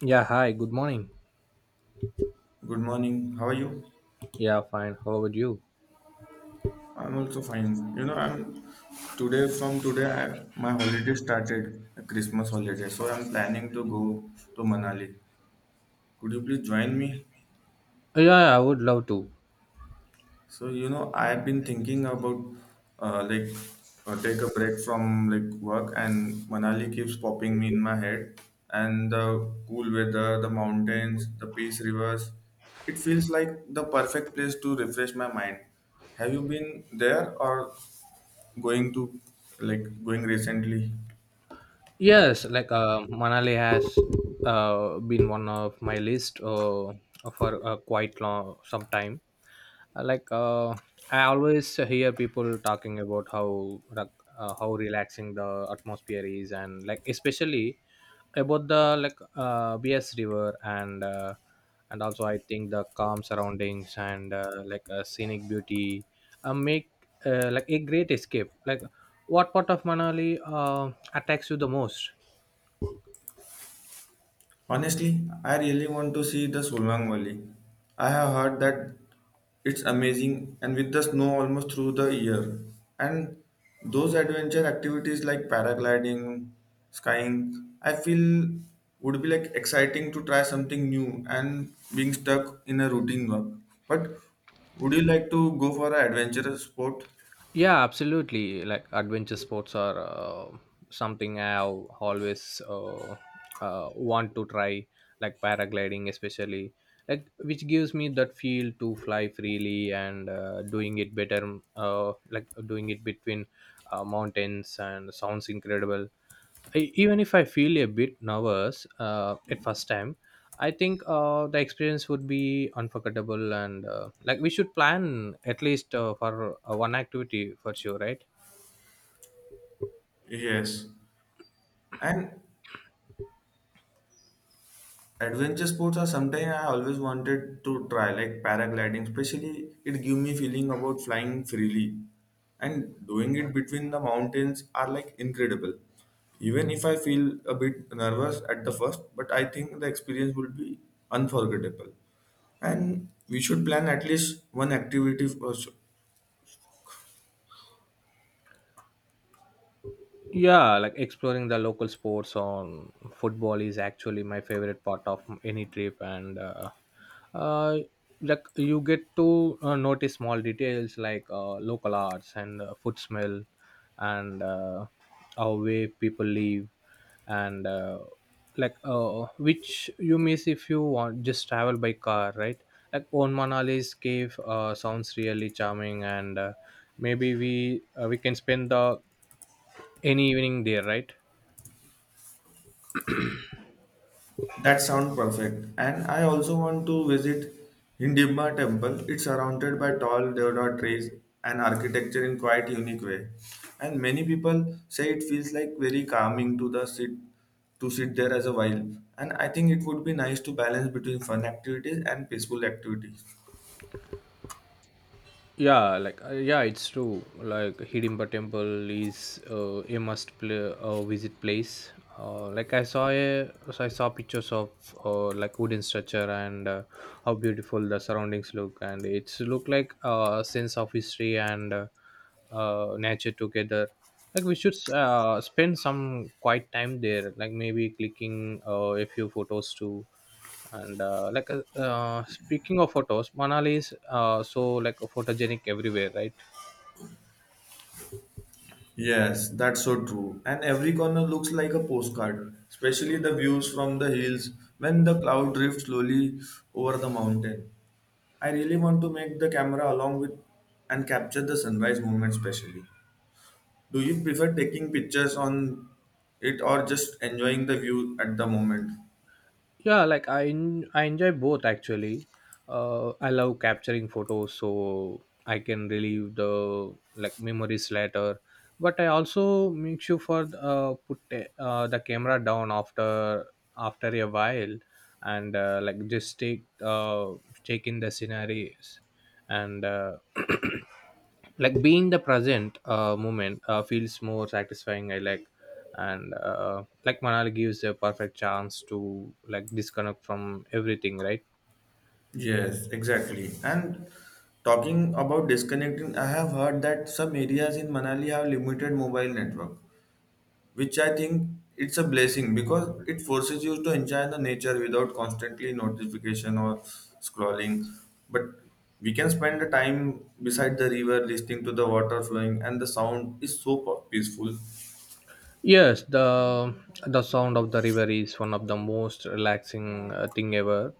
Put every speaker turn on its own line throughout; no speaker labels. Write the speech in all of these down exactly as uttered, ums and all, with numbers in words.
Yeah, hi, good morning.
Good morning. How are you?
Yeah, fine. How about you?
I'm also fine. You know, I'm today from today I, my holiday started, a Christmas holiday. So I'm planning to go to Manali. Could you please join me?
Yeah, I would love to.
So you know, I've been thinking about uh, like uh, take a break from like work, and Manali keeps popping me in my head. And the cool weather, the mountains, the peace rivers, it feels like the perfect place to refresh my mind. Have you been there or going to like going recently.
Yes, like uh, Manali has uh, been one of my list, uh, for uh, quite long some time. Uh, like uh, I always hear people talking about how like, uh, how relaxing the atmosphere is, and like especially about the like uh, bs river, and uh, and also I think the calm surroundings and, uh, like a scenic beauty uh, make uh, like a great escape. Like, what part of manali uh, attacks you the most?
Honestly, I really want to see the Solang Valley. I have heard that it's amazing and with the snow almost through the year. And those adventure activities like paragliding, skying, I feel would be like exciting to try something new and being stuck in a routine work. But would you like to go for an adventurous sport?
Yeah, absolutely. Like adventure sports are, uh, something I al- always uh, uh, want to try, like paragliding, especially, like which gives me that feel to fly freely and, uh, doing it better, uh, like doing it between uh, mountains, and sounds incredible. I- even if I feel a bit nervous uh, at first time, I think uh, the experience would be unforgettable, and, uh, like we should plan at least, uh, for uh, one activity for sure, right?
Yes. And adventure sports are something I always wanted to try, like paragliding. Especially, it give me feeling about flying freely, and doing it between the mountains are like incredible. Even if I feel a bit nervous at the first, but I think the experience will be unforgettable. And we should plan at least one activity for, sure.
Yeah, like exploring the local sports on football is actually my favorite part of any trip, and uh, uh, like you get to uh, notice small details like, uh, local arts and uh, food smell, and uh, how way people live, and uh, like uh, which you miss if you want just travel by car, right? Like on manali's cave uh, sounds really charming, and, uh, maybe we uh, we can spend the any evening there, right?
That sounds perfect. And I also want to visit Hindimba temple. It's surrounded by tall deodar trees and architecture in quite unique way. And many people say it feels like very calming to the sit to sit there as a while. And I think it would be nice to balance between fun activities and peaceful activities.
Yeah, like uh, yeah, it's true. Like Hidimba Temple is, uh, a must play, uh, visit place. Uh, like I saw a, so I saw pictures of, uh, like wooden structure, and uh, how beautiful the surroundings look, and it's look like a sense of history and uh, uh, nature together. Like we should, uh, spend some quiet time there, like maybe clicking uh, a few photos too. And uh, like uh, uh, Speaking of photos, manali is, uh, so like photogenic everywhere, right?
Yes, that's so true. And every corner looks like a postcard, especially the views from the hills when the cloud drifts slowly over the mountain. I really want to make the camera along with and capture the sunrise moment specially. Do you prefer taking pictures on it or just enjoying the view at the moment?
Yeah, like i en- i enjoy both actually. uh I love capturing photos so I can relive the like memories later, but I also make sure for uh put the- uh, the camera down after after a while, and, uh, like just take uh take in the scenarios, and uh, like being the present uh moment uh, feels more satisfying I like. And, uh, like manali gives a perfect chance to like disconnect from everything, right?
Yes, exactly. And talking about disconnecting, I have heard that some areas in Manali have limited mobile network, which I think it's a blessing because it forces you to enjoy the nature without constantly notification or scrolling. But we can spend the time beside the river listening to the water flowing and the sound is so pu- peaceful.
Yes, the the sound of the river is one of the most relaxing, uh, thing ever.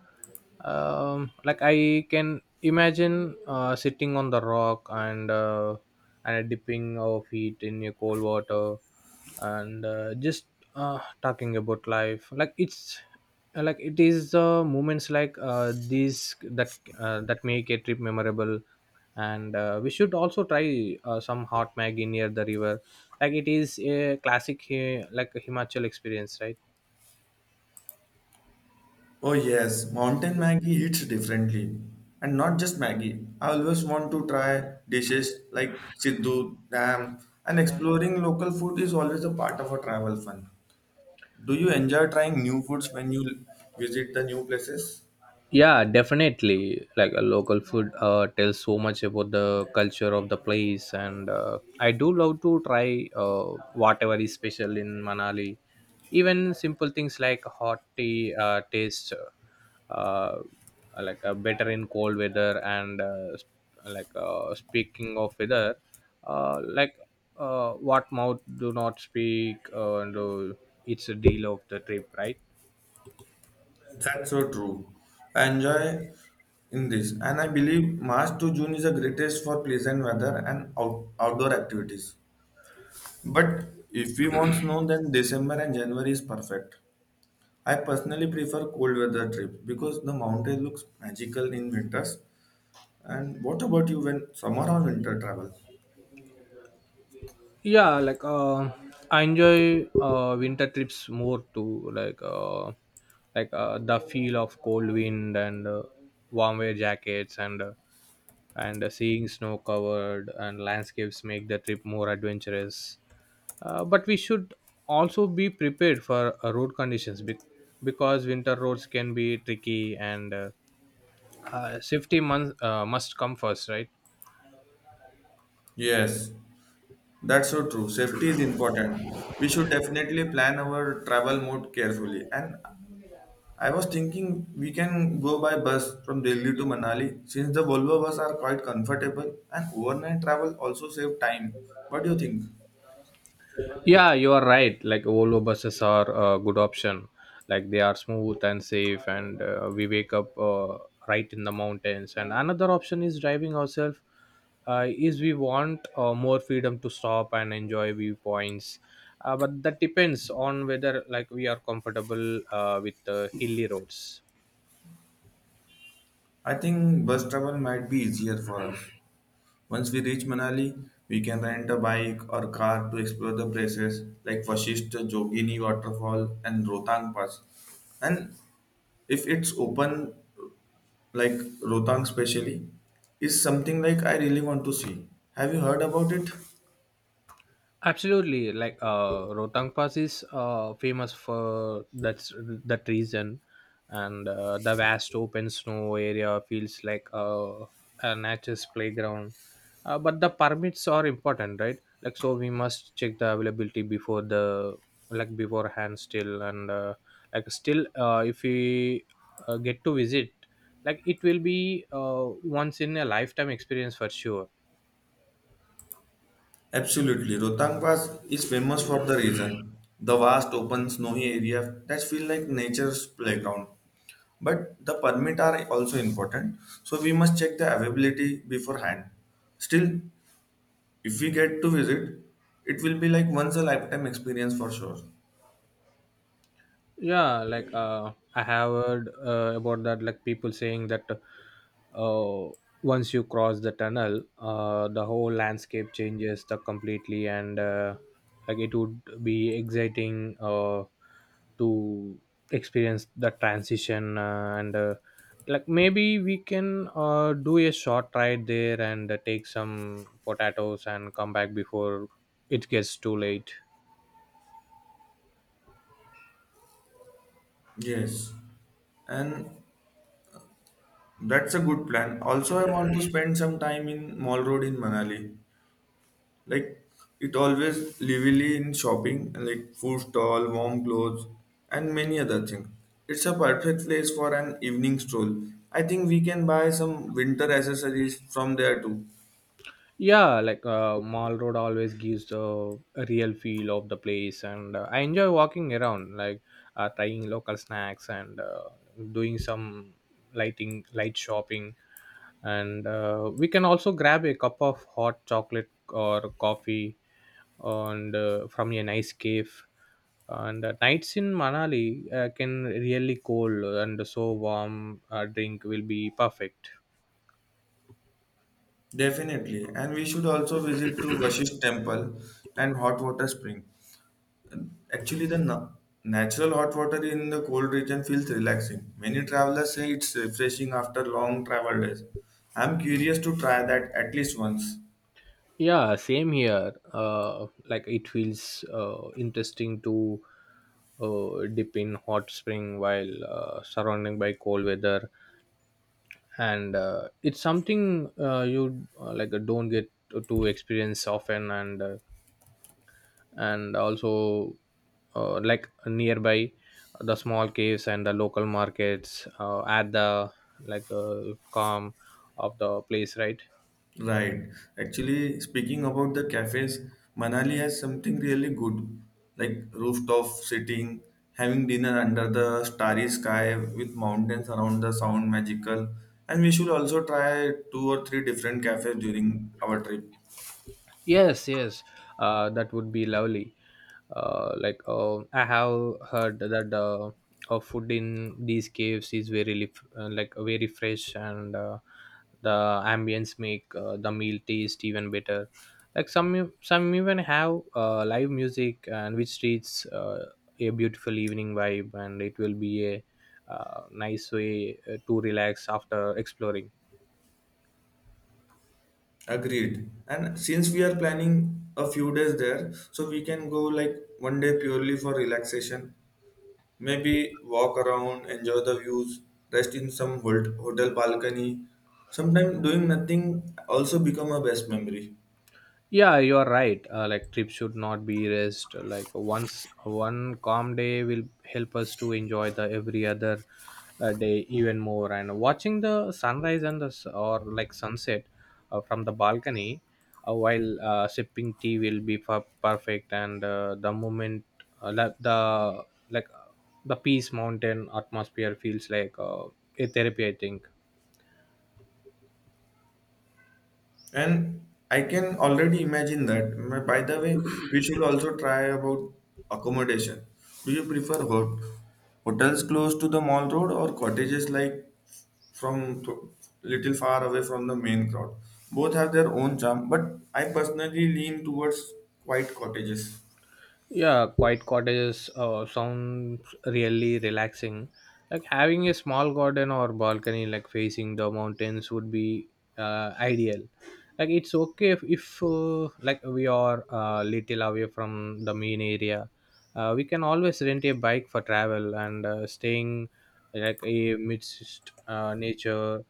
um, Like I can imagine uh, sitting on the rock, and uh, and dipping our feet in your cold water, and uh, just, uh, talking about life. Like it's like it is, uh, moments like, uh, these that, uh, that make a trip memorable. And, uh, we should also try uh, some hot maggi near the river. Like it is a classic, uh, like a himachal experience, right?
Oh yes, mountain Maggie hits differently. And not just Maggie. I always want to try dishes like Siddhu, Dam, and exploring local food is always a part of a travel fun. Do you enjoy trying new foods when you visit the new places?
Yeah, definitely. Like a local food uh, tells so much about the culture of the place, and, uh, I do love to try uh, whatever is special in Manali. Even simple things like hot tea uh, taste, uh, like uh, better in cold weather, and, uh, sp- like uh, speaking of weather, uh, like uh, what mouth do not speak, uh, and, uh, it's a deal of the trip, right?
That's so true. I enjoy in this, and I believe March to June is the greatest for pleasant weather and out- outdoor activities. But if we want snow, then December and January is perfect. I personally prefer cold weather trips because the mountain looks magical in winters. And what about you when summer or winter travel?
Yeah, like uh, I enjoy uh, winter trips more too. Like uh, like uh, the feel of cold wind and uh, warm wear jackets and uh, and uh, seeing snow covered and landscapes make the trip more adventurous. Uh, but we should also be prepared for, uh, road conditions be- because winter roads can be tricky, and uh, uh, safety mon- uh, must come first, right?
Yes, that's so true. Safety is important. We should definitely plan our travel mode carefully. And I was thinking we can go by bus from Delhi to Manali since the Volvo bus are quite comfortable and overnight travel also save time. What do you think?
Yeah, you are right. Like Volvo buses are a good option. Like they are smooth and safe, and, uh, we wake up, uh, right in the mountains. And another option is driving ourselves. Uh, is we want, uh, more freedom to stop and enjoy viewpoints, uh, but that depends on whether like we are comfortable uh, with the hilly roads.
I think bus travel might be easier for us. Once we reach Manali, we can rent a bike or car to explore the places like Vashishta Jogini waterfall and Rotang Pass. And if it's open, like Rotang specially, is something like I really want to see. Have you heard about it?
Absolutely, like uh, Rotang Pass is, uh, famous for that's that reason, and, uh, the vast open snow area feels like, uh, a nature's playground. Uh, but the permits are important, right? Like so, we must check the availability before the like beforehand still, and uh, like still, uh, if we, uh, get to visit, like it will be, uh, once in a lifetime experience for sure.
Absolutely. Rotang Pass is famous for the reason. The vast open snowy area that feel like nature's playground. But the permit are also important, so we must check the availability beforehand. Still, if we get to visit, it will be like once a lifetime experience for sure.
Yeah, like uh, I have heard uh, about that, like people saying that, uh, once you cross the tunnel, uh, the whole landscape changes the completely, and, uh, like it would be exciting, uh, to experience the transition, uh, and uh, like maybe we can uh, do a short ride there, and uh, take some potatoes and come back before it gets too late.
Yes. And that's a good plan. Also, I want to spend some time in Mall Road in Manali. Like it always lively in shopping and like food stall, warm clothes, and many other things. It's a perfect place for an evening stroll. I think we can buy some winter accessories from there too.
Yeah, like uh, mall road always gives the real feel of the place, and, uh, I enjoy walking around, like, uh, trying local snacks and uh, doing some lighting light shopping, and uh, we can also grab a cup of hot chocolate or coffee, and uh, from a nice cave, and uh, nights in manali uh, can really cool, and so warm uh, drink will be perfect.
Definitely. And we should also visit to Vashisht temple and hot water spring. Actually, the na- natural hot water in the cold region feels relaxing. Many travelers say it's refreshing after long travel days. I'm curious to try that at least once.
Yeah, same here. Uh, like it feels, uh, interesting to, uh, dip in hot spring while, uh, surrounding by cold weather, and, uh, it's something, uh, you uh, like uh, don't get to to experience often, and uh, and also, uh, like nearby the small caves and the local markets uh, add the, like uh, calm of the place, right?
Right. Actually, speaking about the cafes, Manali has something really good, like rooftop sitting, having dinner under the starry sky with mountains around the sound magical. And we should also try two or three different cafes during our trip.
Yes, yes, uh, that would be lovely. uh, like uh, I have heard that, uh, uh, food in these caves is very lif- uh, like very fresh, and, uh, the ambience make, uh, the meal taste even better. Like some some even have, uh, live music, and which treats, uh, a beautiful evening vibe, and it will be a, uh, nice way, uh, to relax after exploring.
Agreed. And since we are planning a few days there, so we can go like one day purely for relaxation. Maybe walk around, enjoy the views, rest in some hol- hotel balcony. Sometimes doing nothing also become a best memory.
Yeah, you are right, uh, like trips should not be rest. Like once one calm day will help us to enjoy the every other, uh, day even more. And watching the sunrise and the s- or like sunset, uh, from the balcony, uh, while, uh, sipping tea will be per- perfect. And, uh, the moment, uh, la- the like uh, the peace mountain atmosphere feels like, uh, a therapy I think.
And I can already imagine that. My- By the way, we should also try about accommodation. Do you prefer hot- hotels close to the mall road or cottages like from th- little far away from the main crowd? Both have their own charm, but I personally lean towards quiet cottages.
Yeah, quiet cottages uh, sounds really relaxing. Like having a small garden or balcony, like facing the mountains, would be, uh, ideal. Like it's okay if, if uh, like we are, uh, little away from the main area. Uh, we can always rent a bike for travel, and, uh, staying like a midst, uh, nature,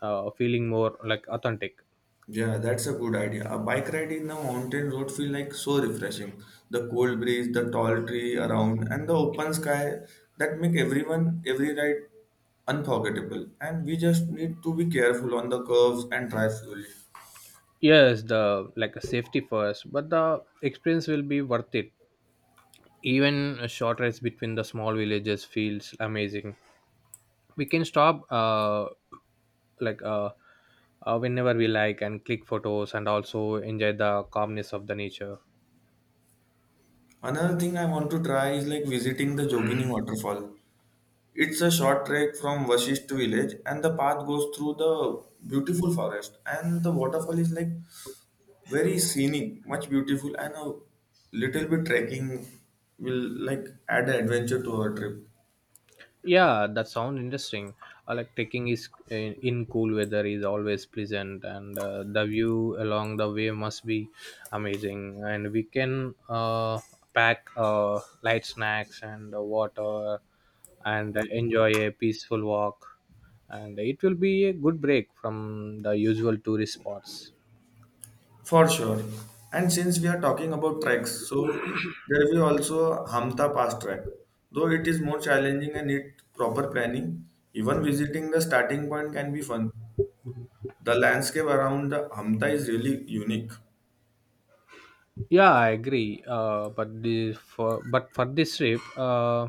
uh, feeling more like authentic.
Yeah, that's a good idea. A bike ride in the mountain road feel like so refreshing. The cold breeze, the tall tree around, and the open sky that make everyone every ride unforgettable. And we just need to be careful on the curves and drive slowly.
Yes, the like safety first, but the experience will be worth it. Even a short rides between the small villages feels amazing. We can stop, uh, like uh, uh, whenever we like and click photos, and also enjoy the calmness of the nature.
Another thing I want to try is like visiting the Jogini waterfall. It's a short trek from Vasishth village, and the path goes through the beautiful forest. And the waterfall is like very scenic, much beautiful, and a little bit trekking will like add an adventure to our trip
Yeah, that sound interesting. Uh, like trekking is in, in cool weather is always pleasant, and, uh, the view along the way must be amazing. And we can, uh, pack, uh, light snacks and uh, water, and uh, enjoy a peaceful walk, and it will be a good break from the usual tourist spots.
for sure. And since we are talking about treks, so there will also Hamta Pass trek. Though it is more challenging and need proper planning, even visiting the starting point can be fun. The landscape around the Hamta is really unique.
Yeah, I agree, uh, but the for but for this trip, uh,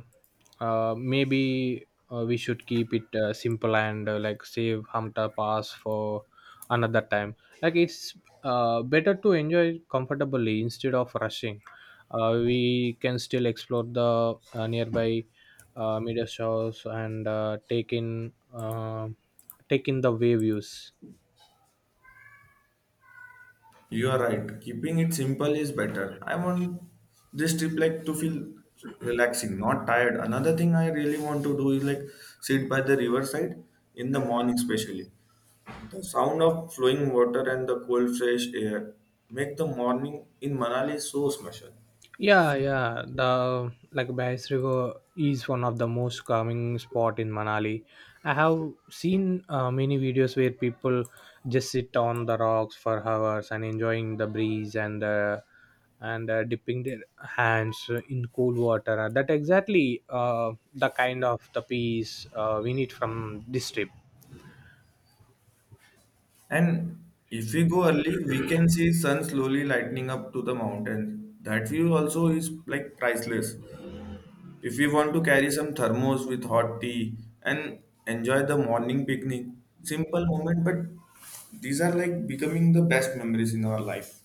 uh, maybe, uh, we should keep it, uh, simple, and, uh, like save hamta pass for another time. Like it's, uh, better to enjoy comfortably instead of rushing. Uh, we can still explore the, uh, nearby, uh, media shows, and uh, take in uh, take in the way views.
You are right. Keeping it simple is better. I want this trip like to feel relaxing, not tired. Another thing I really want to do is like sit by the riverside in the morning, especially. The sound of flowing water and the cold fresh air make the morning in Manali so special.
Yeah, yeah. The like Bass River is one of the most calming spot in Manali. I have seen uh, many videos where people just sit on the rocks for hours and enjoying the breeze and uh, and uh, dipping their hands in cool water. That exactly uh, the kind of the peace uh, we need from this trip.
And if we go early, we can see sun slowly lightening up to the mountains. That view also is like priceless. If we want to carry some thermos with hot tea and enjoy the morning picnic, simple moment, but these are like becoming the best memories in our life.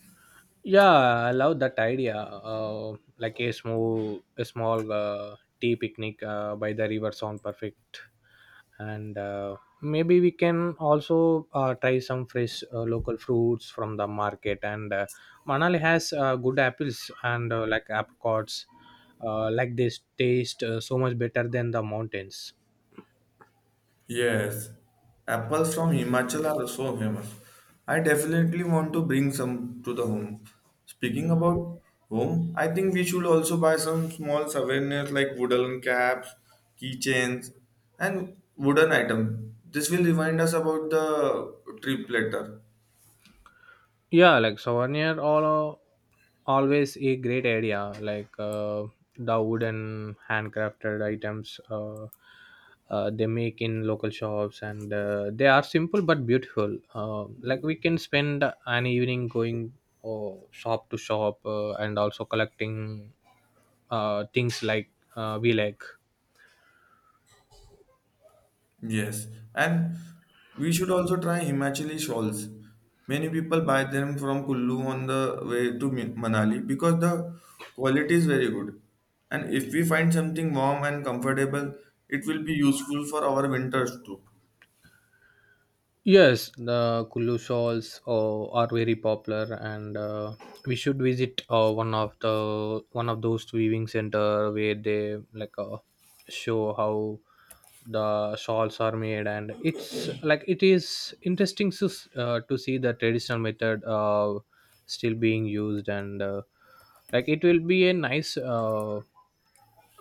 Yeah, I love that idea. Uh, like a small, a small uh, tea picnic uh, by the river sound perfect. And, uh, maybe we can also uh, try some fresh, uh, local fruits from the market. And uh, Manali has, uh, good apples, and uh, like apricots. Uh, like this taste, uh, so much better than the mountains.
Yes, apples from Himachal are so famous. I definitely want to bring some to the home. Speaking about home, I think we should also buy some small souvenirs like wooden caps, keychains, and wooden items. This will remind us about the trip later.
Yeah, like souvenir all always a great area, like uh, the wooden handcrafted items uh, uh, they make in local shops, and uh, they are simple but beautiful. Uh, like we can spend an evening going uh, shop to shop, uh, and also collecting uh, things, like uh, we like.
Yes, and we should also try Himachali shawls. Many people buy them from Kullu on the way to Mi- Manali because the quality is very good. And if we find something warm and comfortable, it will be useful for our winters too.
Yes, the Kulu shawls uh, are very popular, and uh, we should visit uh, one of the one of those weaving center where they, like, uh, show how the shawls are made. And it's like it is interesting to s- uh, to see the traditional method, uh, still being used. And uh, like it will be a nice, uh,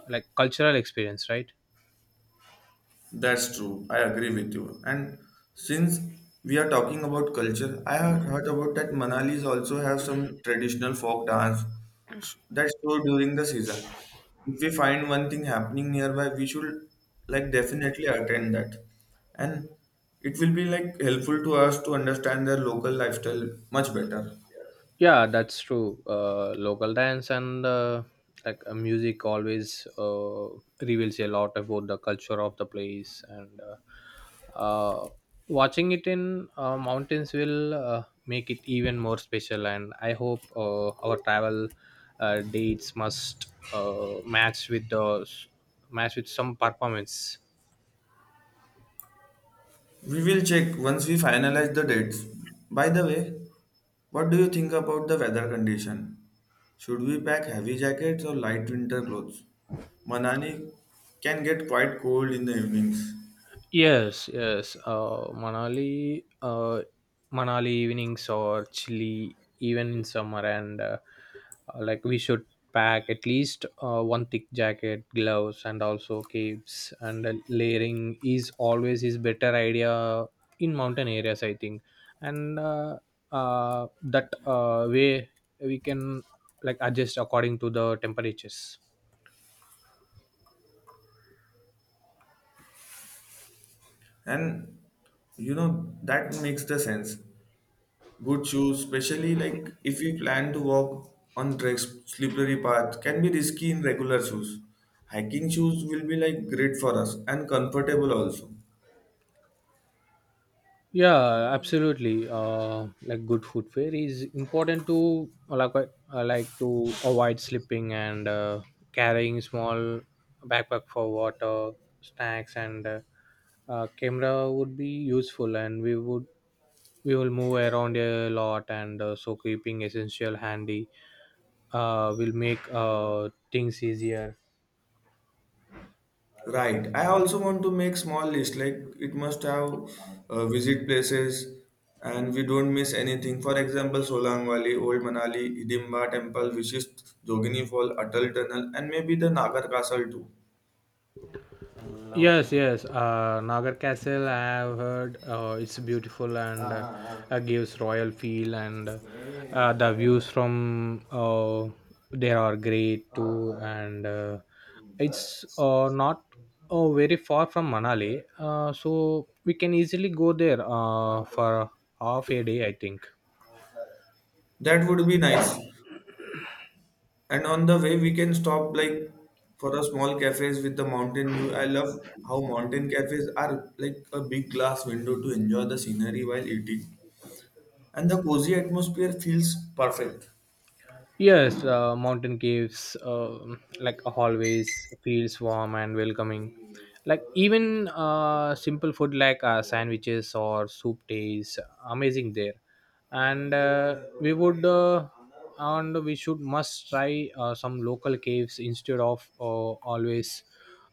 like, cultural experience, right?
That's true. I agree with you. And since we are talking about culture, I had heard about that Manalis also have some traditional folk dance that's show during the season. If we find one thing happening nearby, we should like definitely attend that. And it will be like helpful to us to understand their local lifestyle much better.
Yeah, that's true. Uh, local dance and, uh, like, uh, music always uh, reveals a lot about the culture of the place. And uh, uh, watching it in uh, mountains will uh, make it even more special. And I hope uh, our travel uh, dates must uh, match with the match with some performance.
We will check once we finalize the dates. By the way, what do you think about the weather condition? Should we pack heavy jackets or light winter clothes? Manali can get quite cold in the evenings.
Yes, yes. Uh, Manali, uh, Manali evenings or chilly even in summer, and uh, uh, like we should pack at least uh, one thick jacket, gloves, and also capes. And uh, layering is always is better idea in mountain areas, I think. And uh, uh, that, uh, way we can, like, adjust according to the temperatures.
And you know, that makes the sense. Good shoes, especially like if we plan to walk on tracks, slippery path, can be risky in regular shoes. Hiking shoes will be like great for us and comfortable also.
Yeah, absolutely. Uh like good food fare is important, to like uh, like to avoid slipping. And uh, carrying small backpack for water, snacks, and uh, uh, camera would be useful. And we would we will move around a lot, and uh, so keeping essential handy uh will make uh things easier.
Right. I also want to make small list. Like it must have uh, visit places, and we don't miss anything. For example, Solang Valley, Old Manali, Hidimba Temple, Vishist Jogini Fall, Atal Tunnel, and maybe the Nagar Castle too.
Yes, yes. Uh, Nagar Castle, I have heard uh, it's beautiful, and uh, uh, gives royal feel. And uh, uh, the views from uh, there are great too. And uh, it's uh, not uh, very far from Manali, uh, so we can easily go there uh, for half a day, I think.
That would be nice. And on the way, we can stop like for a small cafes with the mountain view. I love how mountain cafes are like a big glass window to enjoy the scenery while eating, and the cozy atmosphere feels perfect.
Yes, uh, mountain caves, um like hallways, feels warm and welcoming. Like even uh, simple food like uh, sandwiches or soup tastes amazing there. And uh, we would uh, and we should must try uh, some local caves instead of uh, always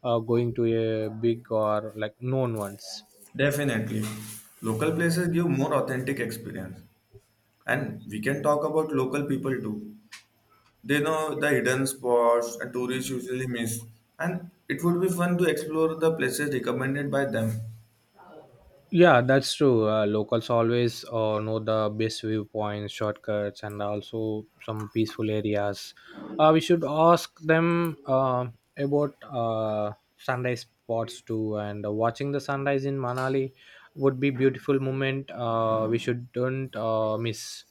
uh, going to a big or like known ones.
Definitely. Local places give more authentic experience. And we can talk about local people too. They know the hidden spots and tourists usually miss. And it would be fun to explore the places recommended by them.
Yeah, that's true. Uh, locals always uh, know the best viewpoints, shortcuts, and also some peaceful areas. Uh, we should ask them uh, about uh, sunrise spots too. And uh, watching the sunrise in Manali would be beautiful moment. Uh, we shouldn't uh, miss.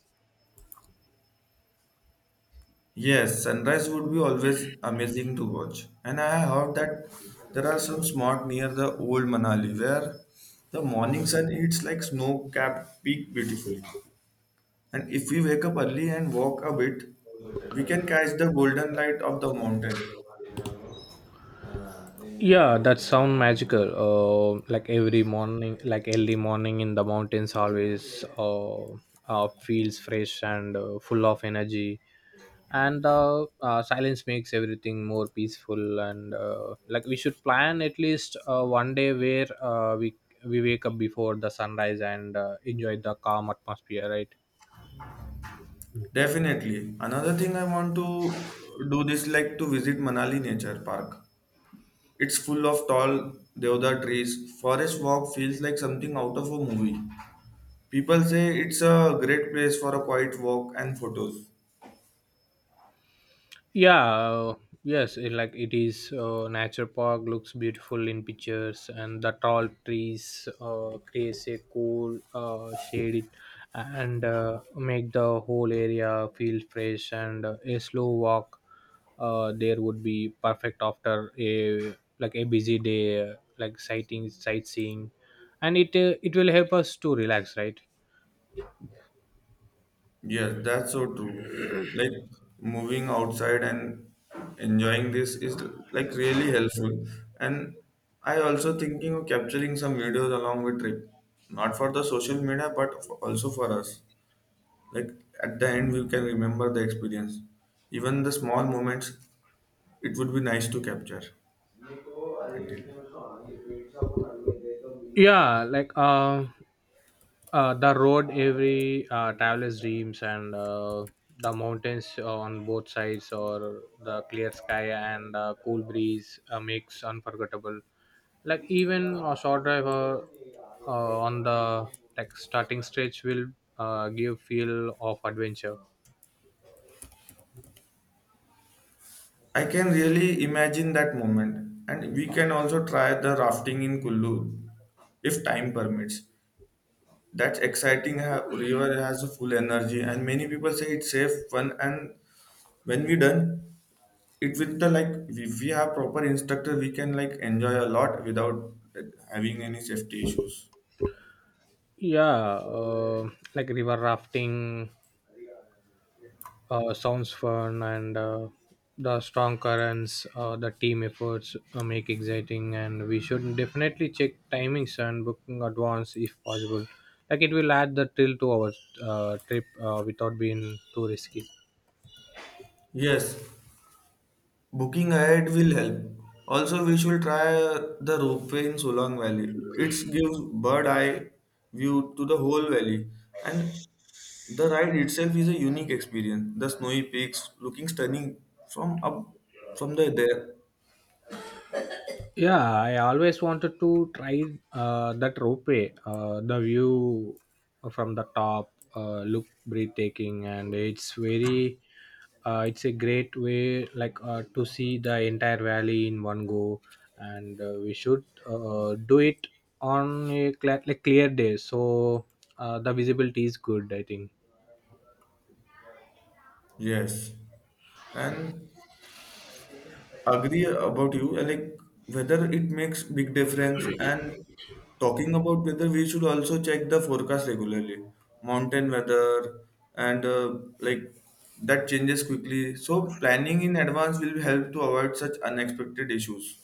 Yes, sunrise would be always amazing to watch. And I heard that there are some spots near the old Manali where the morning sun hits like snow-capped peak beautifully. And if we wake up early and walk a bit, we can catch the golden light of the mountain.
Yeah, that sound magical. Uh, like every morning, like early morning in the mountains, always uh, uh, feels fresh and uh, full of energy. And uh, uh, silence makes everything more peaceful. And uh, like we should plan at least uh, one day where uh, we we wake up before the sunrise and uh, enjoy the calm atmosphere, right?
Definitely. Another thing I want to do this like to visit Manali Nature Park. It's full of tall deodar trees. Forest walk feels like something out of a movie. People say it's a great place for a quiet walk and photos.
Yeah, uh, yes, it, like it is. Uh, nature park looks beautiful in pictures, and the tall trees uh, creates a cool uh, shade and uh, make the whole area feel fresh. And uh, a slow walk uh, there would be perfect after a like a busy day, uh, like sighting, sightseeing, and it uh, it will help us to relax, right?
Yes, that's so true. Like moving outside and enjoying this is like really helpful. And I also thinking of capturing some videos along with trip, not for the social media, but for, also for us. Like at the end, we can remember the experience, even the small moments. It would be nice to capture. Continue.
Yeah, like uh uh, the road every uh, traveler's dreams. And uh, the mountains on both sides or the clear sky and the cool breeze uh, makes unforgettable. Like even a short drive uh, uh, on the, like, starting stretch will uh, give feel of adventure.
I can really imagine that moment, and we can also try the rafting in Kullu if time permits. That's exciting. Ha- River has a full energy, and many people say it's safe. Fun, and when we done it with the like, if we have proper instructor, we can like enjoy a lot without like, having any safety issues.
Yeah, uh, like river rafting uh, sounds fun, and uh, the strong currents, uh, the team efforts uh, make exciting. And we should definitely check timings and booking advance if possible. Like it will add the thrill to our uh, trip uh, without being too risky.
Yes, booking ahead will help. Also, we should try uh, the ropeway in Solang Valley. It gives bird eye view to the whole valley, and the ride itself is a unique experience. The snowy peaks looking stunning from up from the there.
Yeah, I always wanted to try uh, that ropeway. Uh, the view from the top uh, look breathtaking, and it's very, uh, it's a great way, like, uh, to see the entire valley in one go. And uh, we should uh, do it on a clear, like clear day, so uh, the visibility is good, I think.
Yes, and agree about you. uh, Like whether it makes big difference, and talking about weather, we should also check the forecast regularly. Mountain weather and uh, like that changes quickly. So planning in advance will help to avoid such unexpected issues.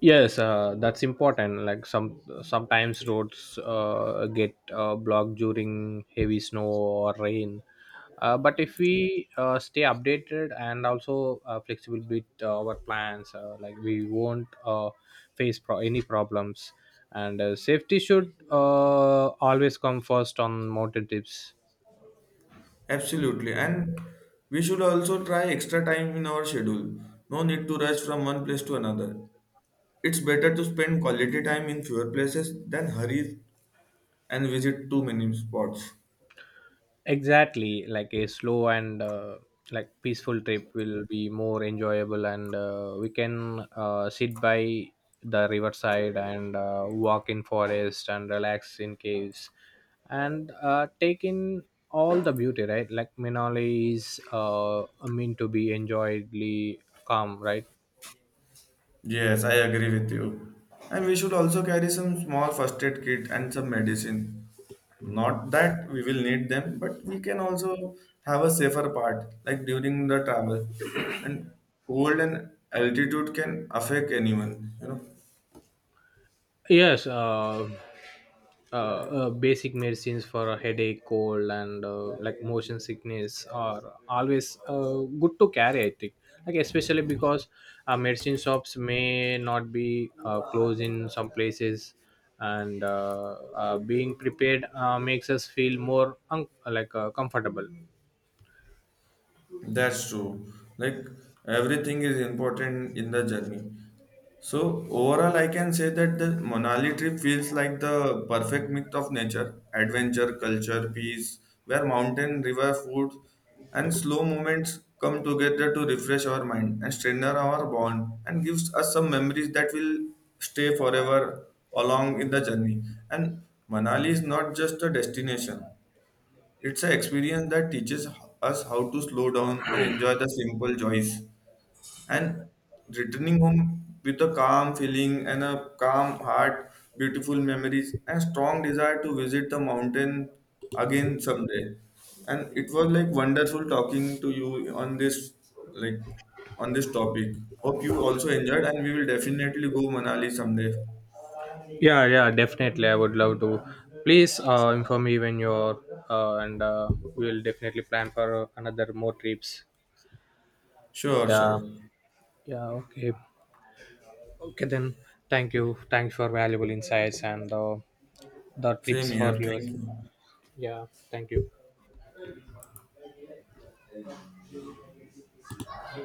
Yes, uh, that's important. Like some sometimes roads uh, get uh, blocked during heavy snow or rain. Uh, but if we uh, stay updated and also uh, flexible with uh, our plans, uh, like we won't uh, face pro- any problems. And uh, safety should uh, always come first on mountain trips.
Absolutely, and we should also try extra time in our schedule. No need to rush from one place to another. It's better to spend quality time in fewer places than hurry and visit too many spots.
Exactly, like a slow and uh, like peaceful trip will be more enjoyable. And uh, we can uh, sit by the riverside and uh, walk in forest and relax in caves and uh, take in all the beauty, right? Like Manali is uh, meant to be enjoyedly calm, right?
Yes, I agree with you. And we should also carry some small first aid kit and some medicine. Not that we will need them, but we can also have a safer part, like during the travel. And cold and altitude can affect anyone, you know.
Yes, uh, uh, uh, basic medicines for a headache, cold, and uh, like motion sickness are always uh, good to carry, I think. Like especially because uh, medicine shops may not be uh, closed in some places, and uh, uh, being prepared uh, makes us feel more un- like uh, comfortable.
That's true. Like everything is important in the journey. So overall, I can say that the Manali trip feels like the perfect mix of nature, adventure, culture, peace, where mountain, river, food, and slow moments come together to refresh our mind and strengthen our bond and gives us some memories that will stay forever along in the journey. And Manali is not just a destination; it's an experience that teaches us how to slow down and enjoy the simple joys. And returning home with a calm feeling and a calm heart, beautiful memories, and strong desire to visit the mountain again someday. And it was like wonderful talking to you on this like on this topic. Hope you also enjoyed and we will definitely go Manali someday.
Yeah, yeah, definitely. I would love to. Please uh, inform me when you're, uh, and uh, we'll definitely plan for another more trips.
Sure,
Yeah,
sure.
yeah, okay. Okay, then thank you. Thanks for valuable insights and uh, the
Same
tips
here.
for your.
Thank you.
Yeah, thank you.